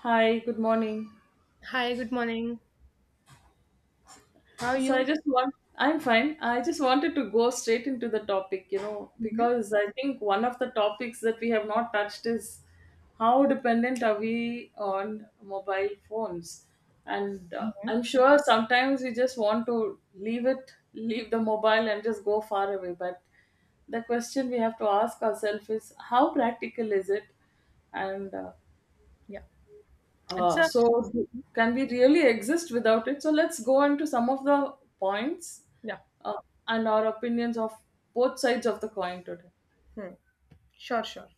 Hi, good morning. Hi, good morning. How are you? I'm fine. I just wanted to go straight into the topic, you know, Mhm, because I think one of the topics that we have not touched is how dependent are we on mobile phones? And mhm. I'm sure sometimes we just want to leave it, leave the mobile and just go far away. But the question we have to ask ourselves is how practical is it? And uh, Yeah, it's Uh, a so, can we really exist without it? So, let's go on to some of the points yeah. uh, and our opinions of both sides of the coin today. Hmm. Sure, sure.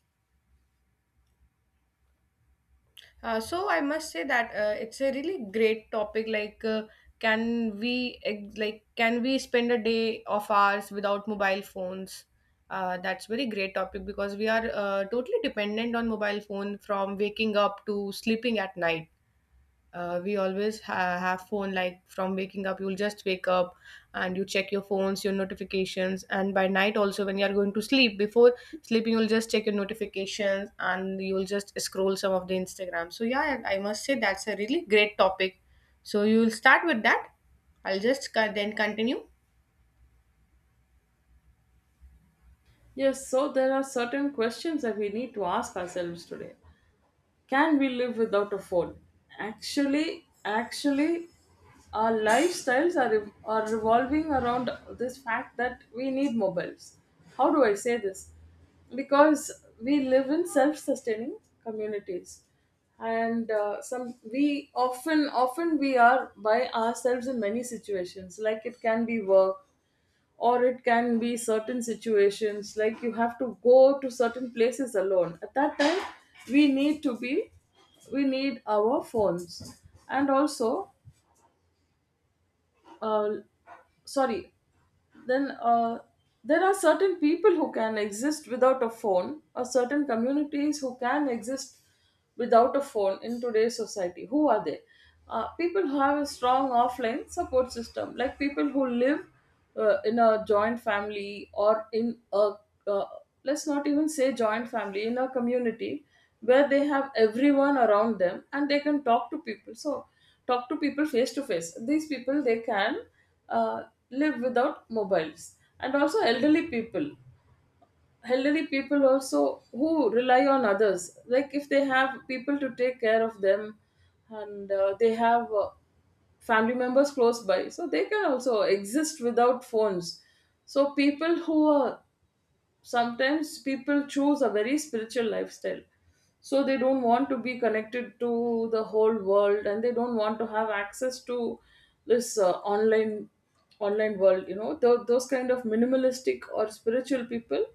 So I must say that it's a really great topic. Like, can we spend a day of ours without mobile phones? That's very great topic because we are totally dependent on mobile phone from waking up to sleeping at night. We always have phone, like, from waking up you'll just wake up and you check your phones, your notifications, and by night also, when you are going to sleep, before sleeping you'll just check your notifications and you'll just scroll some of the Instagram. So yeah, I must say that's a really great topic. So you'll start with that. I'll just then continue. Yes, so there are certain questions that we need to ask ourselves today. Can we live without a phone? Actually, our lifestyles are revolving around this fact that we need mobiles. How do I say this? Because we live in self-sustaining communities, and some we often often we are by ourselves in many situations. Like it can be work, or it can be certain situations, like you have to go to certain places alone. At that time, we need to be we need our phones. And also, uh, sorry then there are certain people who can exist without a phone, or certain communities who can exist without a phone in today's society. Who are they? People who have a strong offline support system, like people who live in a joint family, or in a, uh, let's not even say joint family, in a community where they have everyone around them and they can talk to people. So talk to people face to face. These people, they can uh, live without mobiles. And also elderly people, elderly people also, who rely on others, like if they have people to take care of them, and they have, family members close by, so they can also exist without phones. So people who are, sometimes people choose a very spiritual lifestyle, so they don't want to be connected to the whole world, and they don't want to have access to this online world, you know. Those kind of minimalistic or spiritual people,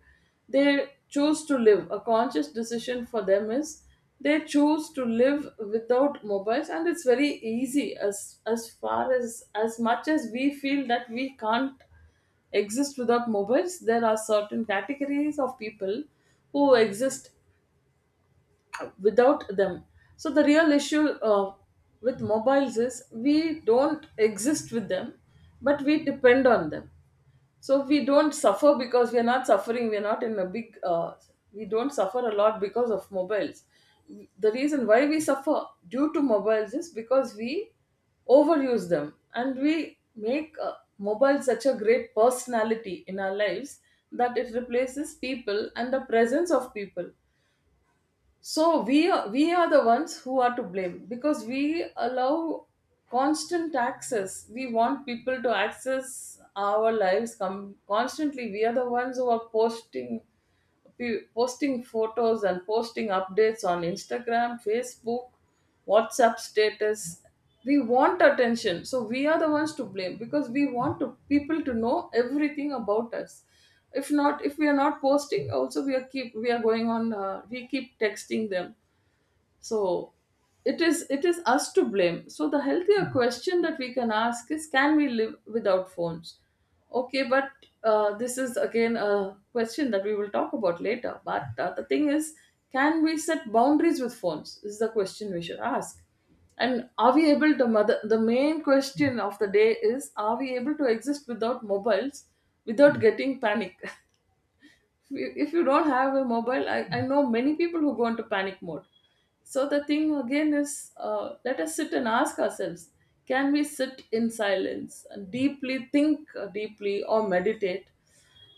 they choose to live, a conscious decision for them is they choose to live without mobiles. And it's very easy. As far as much as we feel that we can't exist without mobiles, there are certain categories of people who exist without them. So the real issue with mobiles is, we don't exist with them, but we depend on them. So we don't suffer, because we are not suffering, we are not in a big, we don't suffer a lot because of mobiles. The reason why we suffer due to mobiles is because we overuse them, and we make mobile such a great personality in our lives that it replaces people and the presence of people. So we are the ones who are to blame, because we allow constant access. We want people to access our lives constantly. We are the ones who are posting, posting photos and posting updates on Instagram, Facebook, WhatsApp status. We want attention. So we are the ones to blame, because we want to, people to know everything about us. If not, if we are not posting, also we are going on. We keep texting them. So it is us to blame. So the healthier question that we can ask is, can we live without phones? Okay, but this is again a question that we will talk about later, but the thing is, can we set boundaries with phones, is the question we should ask. And are we able to mother, the main question of the day is, are we able to exist without mobiles without getting panic? If you don't have a mobile, I know many people who go into panic mode. So the thing again is, let us sit and ask ourselves, can we sit in silence and deeply think, deeply, or meditate,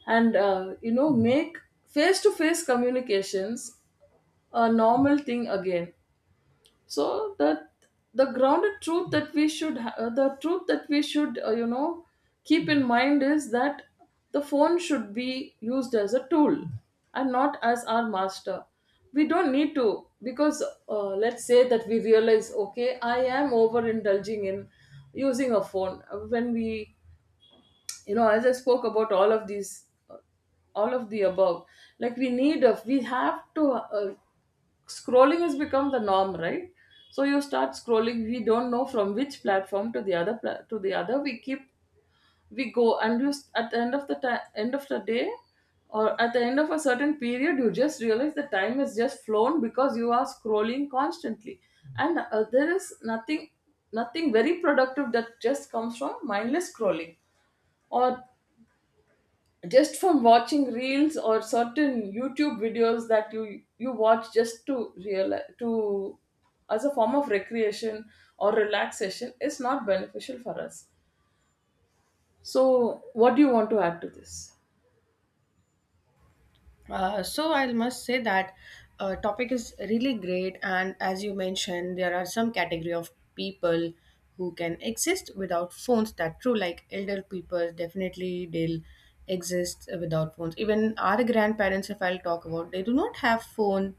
and you know, make face to face communications a normal thing again. So that the grounded truth that we should the truth that we should, you know, keep in mind is that the phone should be used as a tool and not as our master. We don't need to, because let's say that we realize, okay, I am overindulging in using a phone. When we, you know, as I spoke about all of these, all of the above, like we need a, we have to, scrolling has become the norm, right? So you start scrolling, we don't know from which platform to the other, to the other, we go and at the end of the time, end of the day, or at the end of a certain period, you just realize the time has just flown because you are scrolling constantly. And there is nothing very productive that just comes from mindless scrolling, or just from watching reels or certain YouTube videos that you watch, just to realize to, as a form of recreation or relaxation, is not beneficial for us. So, what do you want to add to this? So I must say that topic is really great, and as you mentioned, there are some category of people who can exist without phones. That true, like elder people, definitely they'll exist without phones. Even our grandparents, if I'll talk about, they do not have phone,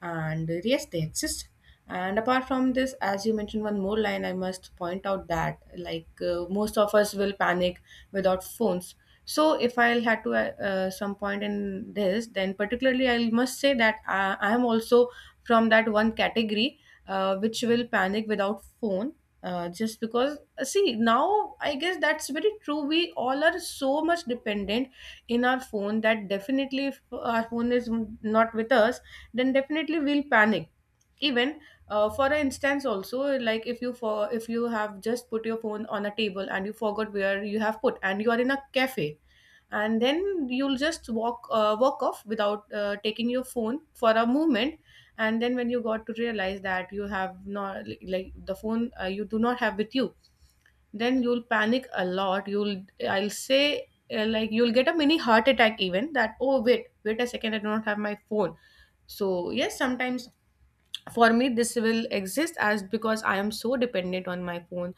and yes, they exist. And apart from this, as you mentioned one more line, I must point out that, like, most of us will panic without phones. So, if I'll had to some point in this, then particularly I must say that I am also from that one category which will panic without phone. Just because, see, now I guess that's very true, we all are so much dependent in our phone that, definitely, if our phone is not with us, then definitely we'll panic, even for instance also. Like, if you for if you have just put your phone on a table and you forgot where you have put and you are in a cafe, and then you'll just walk off without taking your phone for a moment, and then when you got to realize that you have not, like, the phone, you do not have with you, then you'll panic a lot. You'll, I'll say, like, you'll get a mini heart attack, even that, oh, wait, wait a second, I do not have my phone. So yes, sometimes for me this will exist as because I am so dependent on my phone.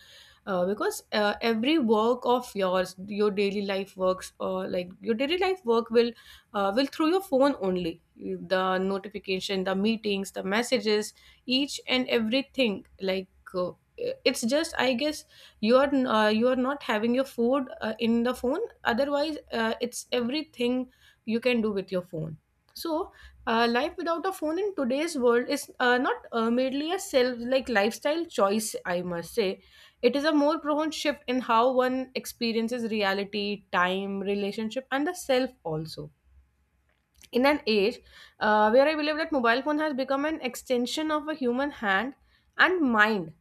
Because every work of yours, your daily life works, or like your daily life work will through your phone only. The notification, the meetings, the messages, each and everything, like, uh, it's just, I guess, you are not having your food in the phone, otherwise it's everything you can do with your phone. So life without a phone in today's world is not merely a self like lifestyle choice, I must say. It is a more profound shift in how one experiences reality, time, relationship, and the self also. In an age where I believe that mobile phone has become an extension of a human hand and mind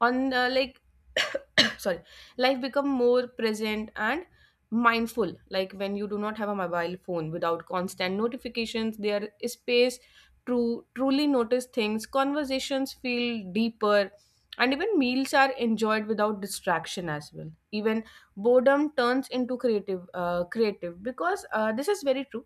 on like sorry. Life become more present and mindful, like when you do not have a mobile phone, without constant notifications there is space to truly notice things, conversations feel deeper, and even meals are enjoyed without distraction as well. Even boredom turns into creative, because this is very true.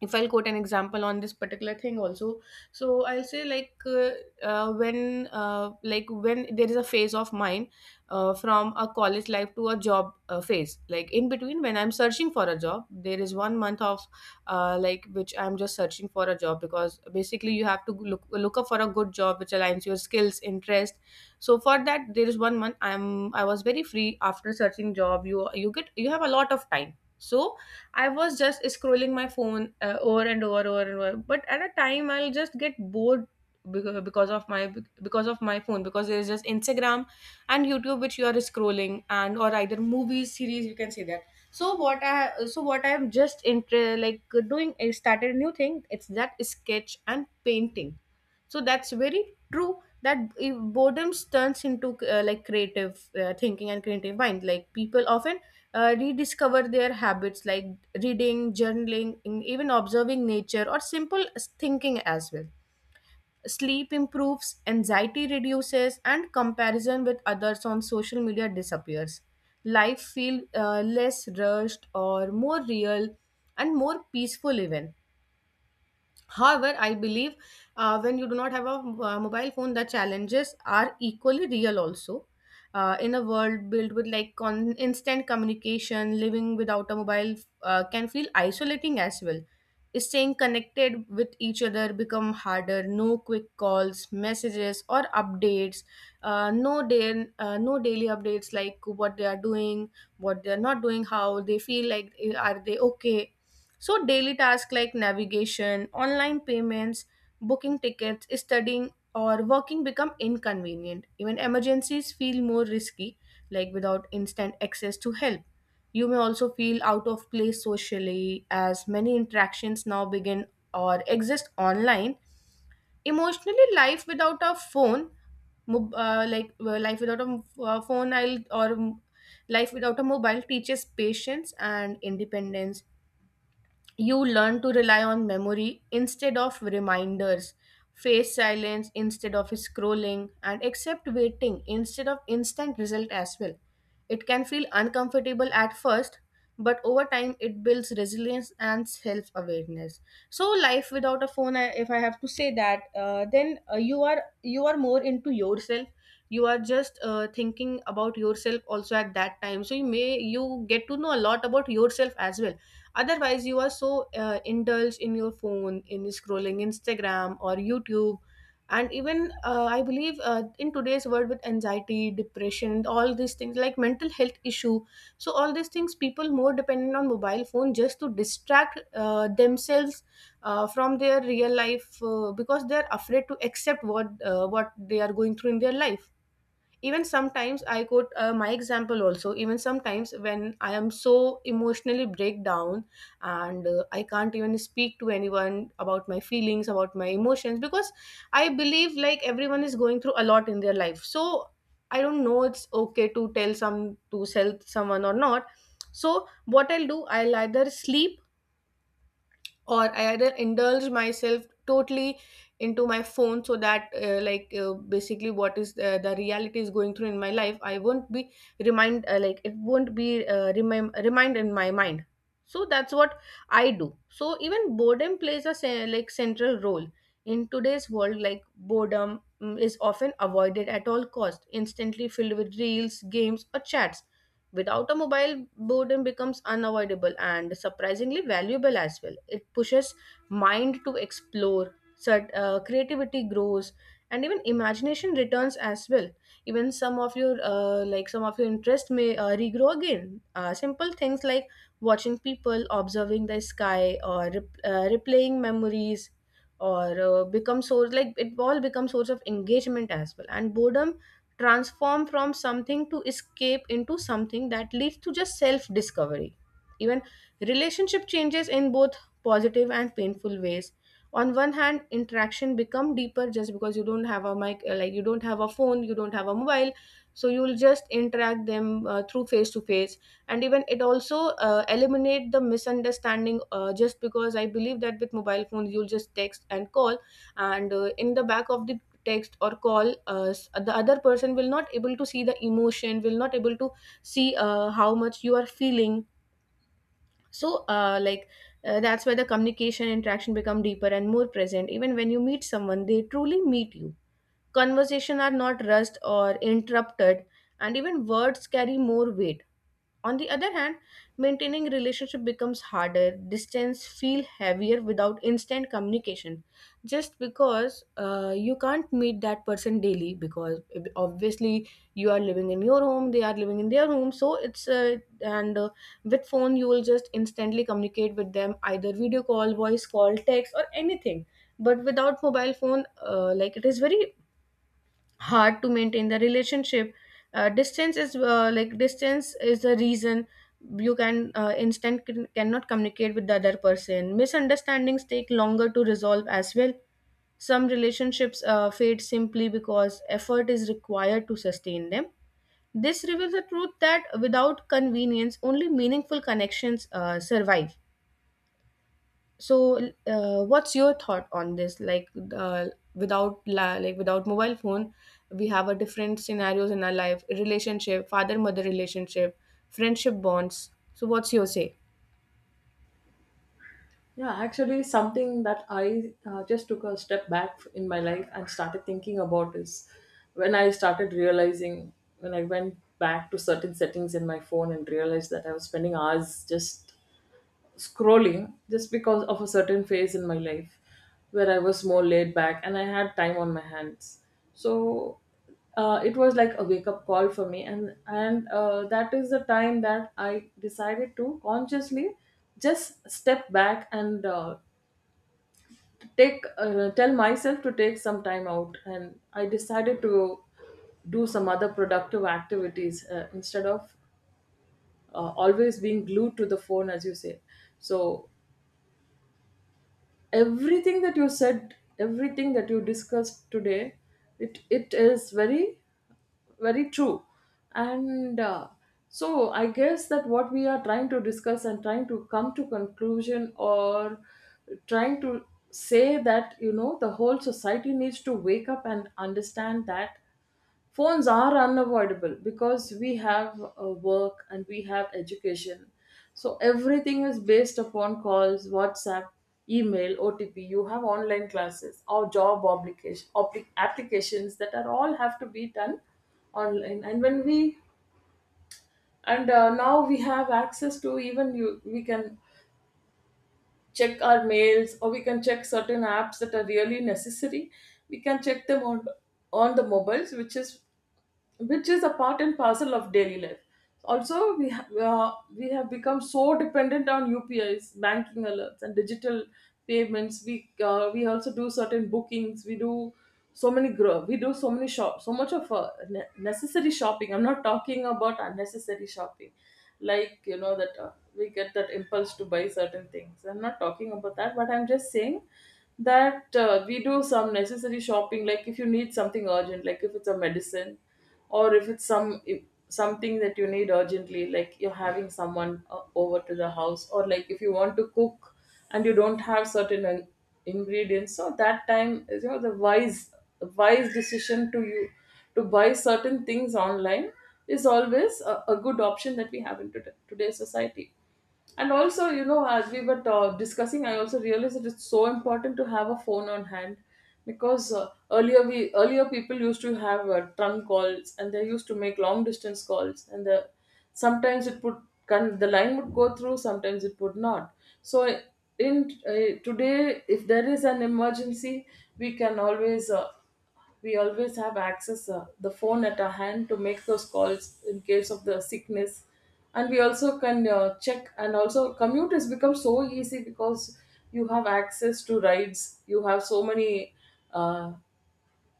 If I'll quote an example on this particular thing also, so I'll say, when when there is a phase of mine, from a college life to a job phase, like in between when I'm searching for a job, there is one month of which I'm just searching for a job, because basically you have to look up for a good job which aligns your skills, interest. So for that, there is one month I was very free after searching job. You have a lot of time. So I was just scrolling my phone, over and over, over and over. But at a time, I'll just get bored, beca- because of my because of my phone, because there's just Instagram and YouTube which you are scrolling, and or either movies, series, you can say that. So what I so what I'm like doing is started a new thing. It's that sketch and painting. So that's very true, that if boredom turns into creative thinking and creative mind. Like, people often rediscover their habits, like reading, journaling, even observing nature or simple thinking as well. Sleep improves, anxiety reduces, and comparison with others on social media disappears. Life feels less rushed or more real and more peaceful, even. However, I believe, when you do not have a mobile phone, the challenges are equally real also. In a world built with instant communication, living without a mobile can feel isolating as well. Staying connected with each other become harder. No quick calls, messages, or updates. No no daily updates, like what they are doing, what they are not doing, how they feel, like, are they okay. So, daily tasks like navigation, online payments, booking tickets, studying, or working become inconvenient. Even emergencies feel more risky, like without instant access to help. You may also feel out of place socially, as many interactions now begin or exist online. Emotionally, life without a phone, mob- life without a m- phone, I'll or life without a mobile teaches patience and independence. You learn to rely on memory instead of reminders, face silence instead of scrolling, and accept waiting instead of instant result as well. It can feel uncomfortable at first, but over time it builds resilience and self awareness. So, life without a phone, if I have to say that, then you are more into yourself. You are just thinking about yourself also at that time. So you get to know a lot about yourself as well. Otherwise, you are so indulged in your phone, in scrolling Instagram or YouTube. And even, I believe, in today's world, with anxiety, depression, all these things, like mental health issue, so all these things, people more dependent on mobile phone just to distract themselves from their real life, because they are afraid to accept what, what they are going through in their life. Even sometimes I quote, my example also. Even sometimes, when I am so emotionally break down, and I can't even speak to anyone about my feelings, about my emotions, because I believe like everyone is going through a lot in their life, so I don't know, it's okay to tell some to sell someone or not. So what I'll do, I'll either sleep, or I either indulge myself totally into my phone, so that, basically, what is the reality is going through in my life, I won't be remind like it won't be, remind in my mind. So that's what I do. So, even boredom plays a central role in today's world. Like boredom, is often avoided at all cost, instantly filled with reels, games, or chats. With automobile, boredom becomes unavoidable and surprisingly valuable as well. It pushes mind to explore, creativity grows, and even imagination returns as well. Even some of your, some of your interest may regrow again. Simple things like watching people, observing the sky, or replaying memories, or, become source like it all becomes source of engagement as well. And boredom transform from something to escape into something that leads to just self discovery. Even relationship changes in both positive and painful ways. On one hand, interaction become deeper, just because you don't have you don't have a mobile, so you'll just interact them, through face to face. And even it also, eliminate the misunderstanding, just because I believe that with mobile phones you'll just text and call, and, in the back of the text or call, us, the other person will not able to see the emotion, will not able to see how much you are feeling. So, that's where the communication, interaction become deeper and more present. Even when you meet someone, they truly meet you, conversation are not rushed or interrupted, and even words carry more weight. On the other hand, maintaining relationship becomes harder. Distance feel heavier without instant communication, just because, you can't meet that person daily. Because obviously, you are living in your home, they are living in their home. So, it's and with phone you will just instantly communicate with them, either video call, voice call, text, or anything. But without mobile phone, it is very hard to maintain the relationship, distance is the reason you can cannot communicate with the other person. Misunderstandings take longer to resolve as well. Some relationships fade simply because effort is required to sustain them. This reveals the truth that without convenience, only meaningful connections survive. So, what's your thought on this? Like, uh, without mobile phone, we have a different scenarios in our life: relationship, father-mother relationship, friendship bonds. So, what's your say? Yeah, actually, something that I just took a step back in my life and started thinking about is, when I started realizing when I went back to certain settings in my phone and realized that I was spending hours just scrolling, just because of a certain phase in my life where I was more laid back and I had time on my hands. So it was like a wake up call for me, and that is the time that I decided to consciously just step back and take tell myself to take some time out, and I decided to do some other productive activities instead of always being glued to the phone, as you say. So everything that you said, everything that you discussed today, it is very, very true. And so I guess that what we are trying to discuss and trying to come to conclusion, or trying to say, that you know, the whole society needs to wake up and understand that phones are unavoidable, because we have work and we have education. So everything is based upon calls, WhatsApp, email, OTP. You have online classes, or job applications, that are all have to be done online. And when we, and now we have access to even, you, we can check our mails, or we can check certain apps that are really necessary. We can check them on the mobiles, which is, which is a part and parcel of daily life. Also we have, we have become so dependent on UPIs, banking alerts and digital payments. We we also do certain bookings, we do so many we do so many shop, so much of necessary shopping. I'm not talking about unnecessary shopping, like you know that, we get that impulse to buy certain things, I'm not talking about that, but I'm just saying that we do some necessary shopping, like if you need something urgent, like if it's a medicine, or if it's some, if something that you need urgently, like you're having someone over to the house, or like if you want to cook and you don't have certain ingredients, so that time is, you know, the wise decision to you, to buy certain things online, is always a good option that we have in today's society. And also, you know, as we were discussing, I also realized that it's so important to have a phone on hand, because earlier people used to have trunk calls, and they used to make long distance calls, and sometimes it would the line would go through, sometimes it would not. So in today, if there is an emergency, we can always. We always have access the phone at our hand to make those calls in case of the sickness, and we also can check. And also commute has become so easy because you have access to rides, you have so many uh,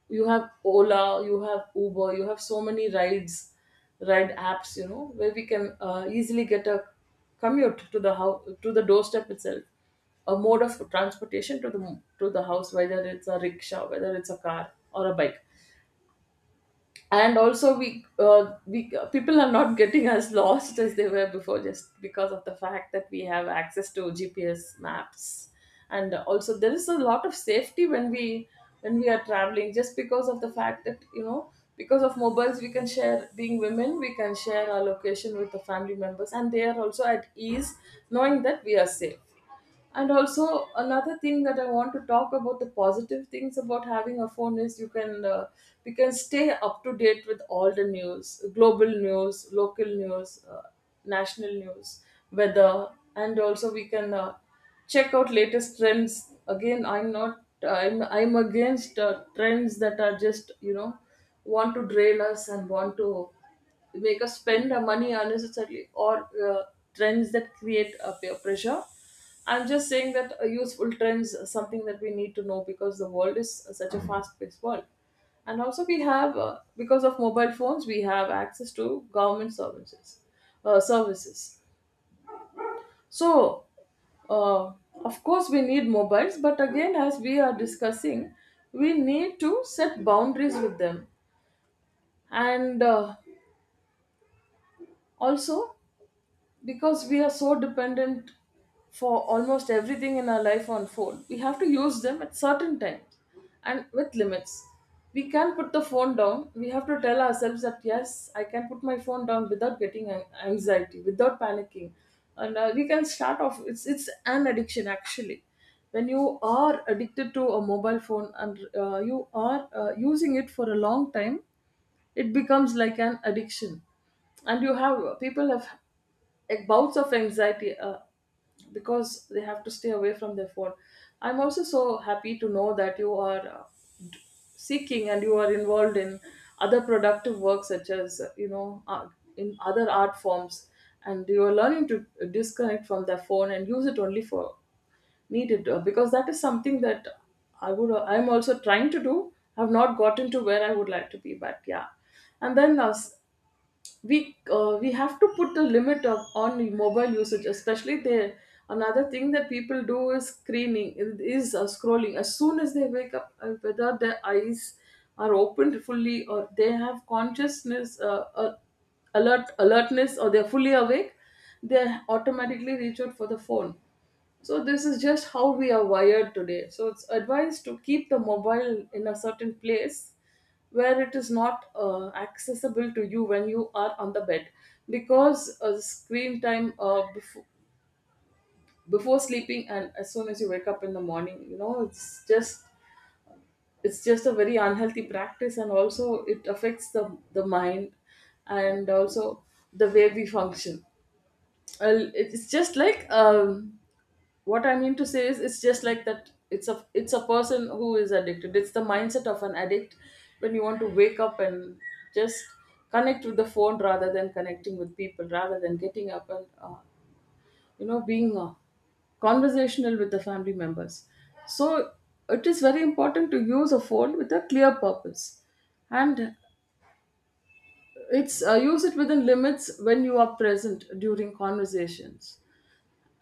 you have Ola, you have Uber, you have so many rides, ride apps, you know, where we can easily get a commute to the house, to the doorstep itself, a mode of transportation to the house, whether it's a rickshaw, whether it's a car or a bike. And also we people are not getting as lost as they were before just because of the fact that we have access to GPS maps. And also there is a lot of safety when we are traveling, just because of the fact that, you know, because of mobiles we can share, being women we can share our location with the family members and they are also at ease knowing that we are safe. And also another thing that I want to talk about the positive things about having a phone is you can we can stay up to date with all the news, global news, local news, national news, weather, and also we can check out latest trends. Again, I'm not I'm against trends that are just, you know, want to drain us and want to make us spend our money unnecessarily, or trends that create a peer pressure. I'm just saying that a useful trends is something that we need to know because the world is such a fast-paced world. And also we have, because of mobile phones, we have access to government services. Services. So, uh, of course, we need mobiles, but again, as we are discussing, we need to set boundaries with them. And also, because we are so dependent for almost everything in our life on phone, we have to use them at certain times and with limits. We can put the phone down. We have to tell ourselves that yes, I can put my phone down without getting anxiety, without panicking. And we can start off. It's an addiction actually. When you are addicted to a mobile phone and you are using it for a long time, it becomes like an addiction. And you have people have, like, bouts of anxiety, because they have to stay away from their phone. I'm also so happy to know that you are seeking and you are involved in other productive work such as, you know, in other art forms, and you are learning to disconnect from their phone and use it only for needed, because that is something that I'm also trying to do. I've not gotten to where I would like to be, but yeah. And then we have to put a limit of, on mobile usage, especially there. Another thing that people do is screening, is scrolling as soon as they wake up, whether their eyes are opened fully, or they have consciousness, alertness, or they're fully awake, they automatically reach out for the phone. So this is just how we are wired today, so it's advised to keep the mobile in a certain place where it is not accessible to you when you are on the bed. Because screen time before sleeping and as soon as you wake up in the morning, you know, it's just a very unhealthy practice. And also it affects the mind and also the way we function. Well, it's just like what I mean to say is it's just like that. It's a person who is addicted. It's the mindset of an addict, when you want to wake up and just connect with the phone rather than connecting with people, rather than getting up and, you know, being conversational with the family members. So it is very important to use a phone with a clear purpose, and it's use it within limits. When you are present during conversations,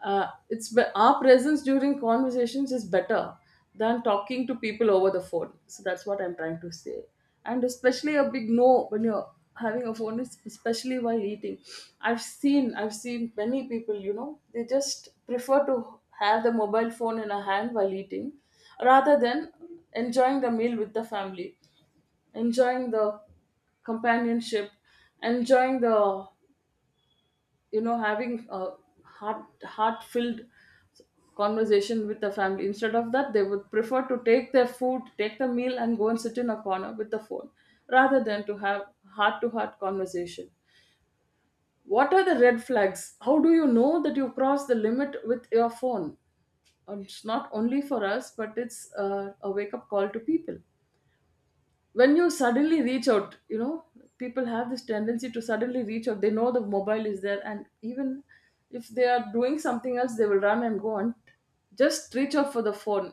our presence during conversations is better than talking to people over the phone. So that's what I'm trying to say. And especially a big no when you're having a phone is especially while eating. I've seen many people, you know, they just prefer to have the mobile phone in a hand while eating, rather than enjoying the meal with the family, enjoying the companionship, enjoying the, you know, having a heart filled conversation with the family. Instead of that, they would prefer to take their food, take the meal, and go and sit in a corner with the phone, rather than to have heart to heart conversation. What are the red flags? How do you know that you cross the limit with your phone? It's not only for us, but it's a wake up call to people. When you suddenly reach out, you know, people have this tendency to suddenly reach out. They know the mobile is there, and even if they are doing something else, they will run and go and just reach out for the phone,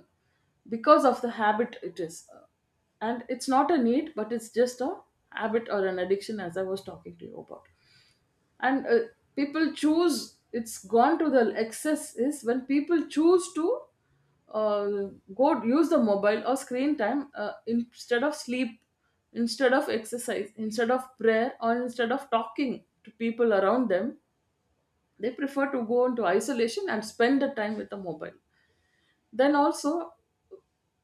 because of the habit it is. And it's not a need, but it's just a habit or an addiction, as I was talking to you about. And people choose, it's gone to the excess is when people choose to uh, go use the mobile or screen time, instead of sleep, instead of exercise, instead of prayer, or instead of talking to people around them. They prefer to go into isolation and spend the time with the mobile. Then also,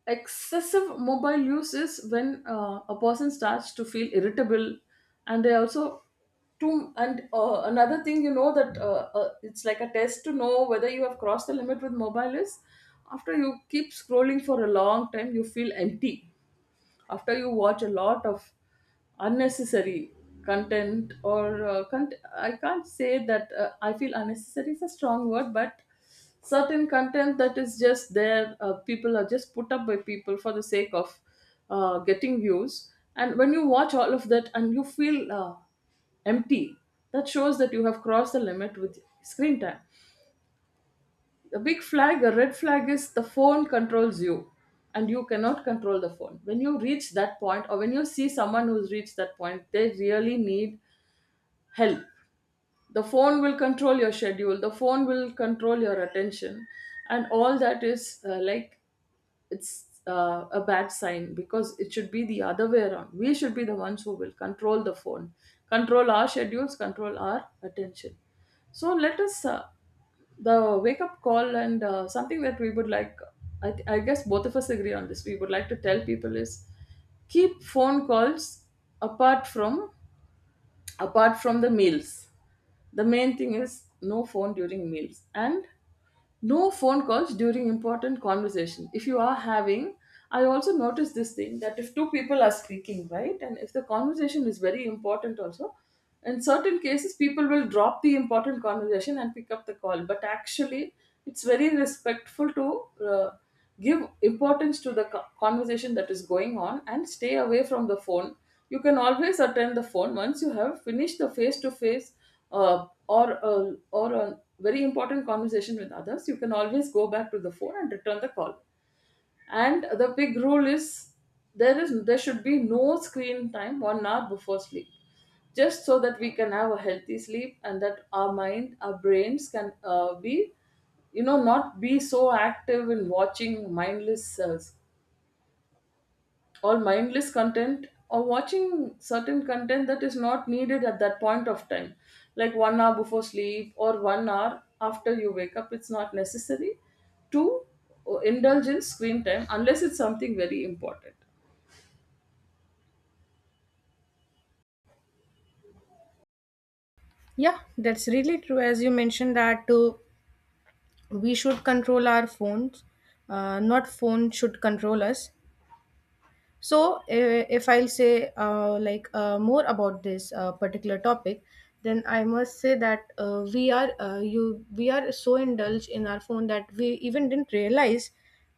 excessive mobile use is when a person starts to feel irritable, and they also too. And another thing, you know, that it's like a test to know whether you have crossed the limit with mobile is, after you keep scrolling for a long time, you feel empty. After you watch a lot of unnecessary content, or I can't say that, I feel unnecessary is a strong word, but certain content that is just there, people are just put up by people for the sake of getting views, and when you watch all of that and you feel, empty, that shows that you have crossed the limit with screen time. The red flag is the phone controls you and you cannot control the phone. When you reach that point, or when you see someone who's reached that point, they really need help. The phone will control your schedule, the phone will control your attention, and all that is, like, it's a bad sign, because it should be the other way around. We should be the ones who will control the phone, control our schedules, control our attention. So let us, the wake up call and, something that we would like, I guess both of us agree on this, we would like to tell people is, keep phone calls apart from, apart from the meals. The main thing is no phone during meals, and no phone calls during important conversation. If you are having, I also noticed this thing that if two people are speaking, right, and if the conversation is very important, also, in certain cases, people will drop the important conversation and pick up the call. But actually, it's very respectful to give importance to the conversation that is going on and stay away from the phone. You can always attend the phone once you have finished the face to face or a very important conversation with others. You can always go back to the phone and return the call. And the big rule is, there should be no screen time 1 hour before sleep, just so that we can have a healthy sleep, and that our mind, our brains can be, you know, not be so active in watching mindless, or mindless content, or watching certain content that is not needed at that point of time. Like, 1 hour before sleep or 1 hour after you wake up, it's not necessary to indulge in screen time unless it's something very important. Yeah, that's really true. As you mentioned that, we should control our phones, not phone should control us. So, if I'll say more about this particular topic, then I must say that, we are so indulged in our phone that we even didn't realize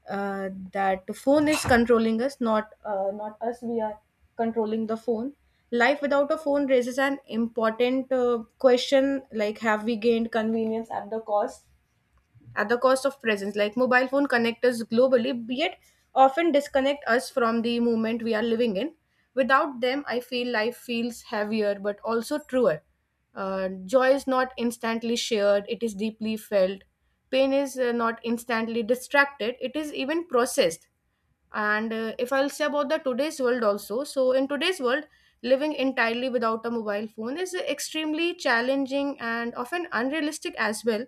that the phone is controlling us, not, not us. We are controlling the phone. Life without a phone raises an important question, like, have we gained convenience at the cost of presence. Like, mobile phone connect us globally, yet often disconnect us from the moment we are living in. Without them, I feel life feels heavier but also truer. Joy is not instantly shared, it is deeply felt. Pain is, not instantly distracted, it is even processed. And, if I'll say about the today's world also, so in today's world, living entirely without a mobile phone is extremely challenging and often unrealistic as well,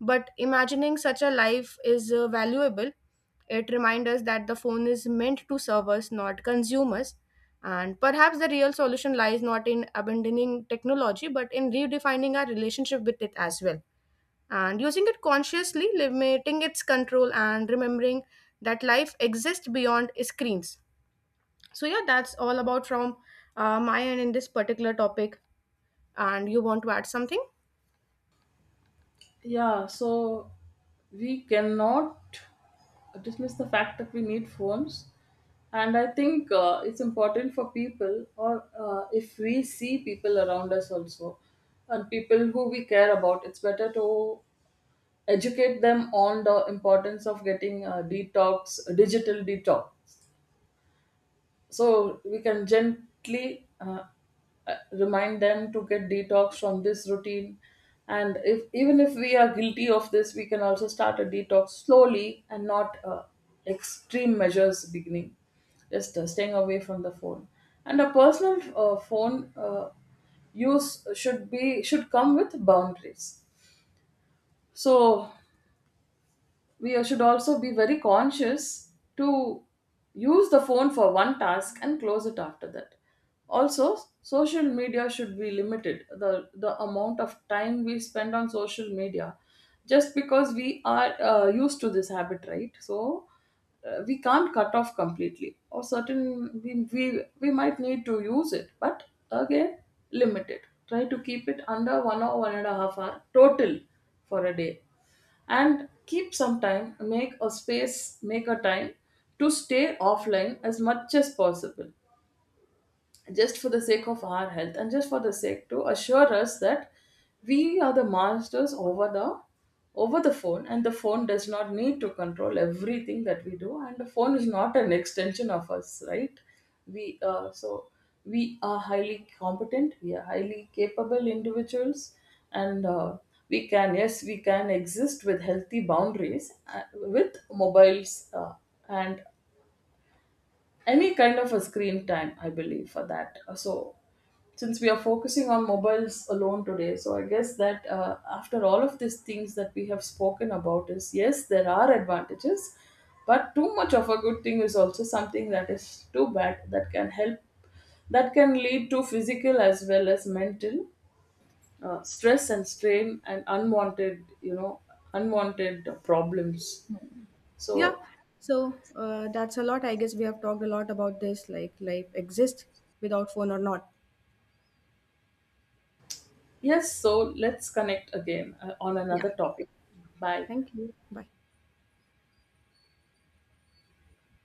but imagining such a life is valuable. It reminds us that the phone is meant to serve us, not consume us. And perhaps the real solution lies not in abandoning technology, but in redefining our relationship with it as well. And using it consciously, limiting its control, and remembering that life exists beyond screens. So, yeah, that's all about from my end in this particular topic. And you want to add something? Yeah, so we cannot dismiss the fact that we need phones. And I think it's important for people, or if we see people around us also, and people who we care about, it's better to educate them on the importance of getting a detox, a digital detox. So we can gently remind them to get detox from this routine. And if, even if we are guilty of this, we can also start a detox slowly and not extreme measures beginning, just staying away from the phone. And a personal phone use should be, should come with boundaries. So we should also be very conscious to use the phone for one task and close it after that. Also social media should be limited, the amount of time we spend on social media, just because we are used to this habit, right? So we can't cut off completely, or certain, we might need to use it, but again, limit it. Try to keep it under 1 or 1.5 hour total for a day. And keep some time, make a space, make a time to stay offline as much as possible, just for the sake of our health, and just for the sake to assure us that we are the masters over the phone, and the phone does not need to control everything that we do, and the phone is not an extension of us, right? we uh, so we are highly competent, we are highly capable individuals. And we can, yes, we can exist with healthy boundaries with mobiles, and any kind of a screen time, I believe, for that. So since we are focusing on mobiles alone today, so I guess that, after all of these things that we have spoken about, is, yes, there are advantages, but too much of a good thing is also something that is too bad, that can lead to physical as well as mental stress and strain, and unwanted, you know, unwanted problems. Yeah. So, So that's a lot. I guess we have talked a lot about this, like life exists without phone or not. yes, so let's connect again on Yeah. another topic. Bye. Thank you. Bye.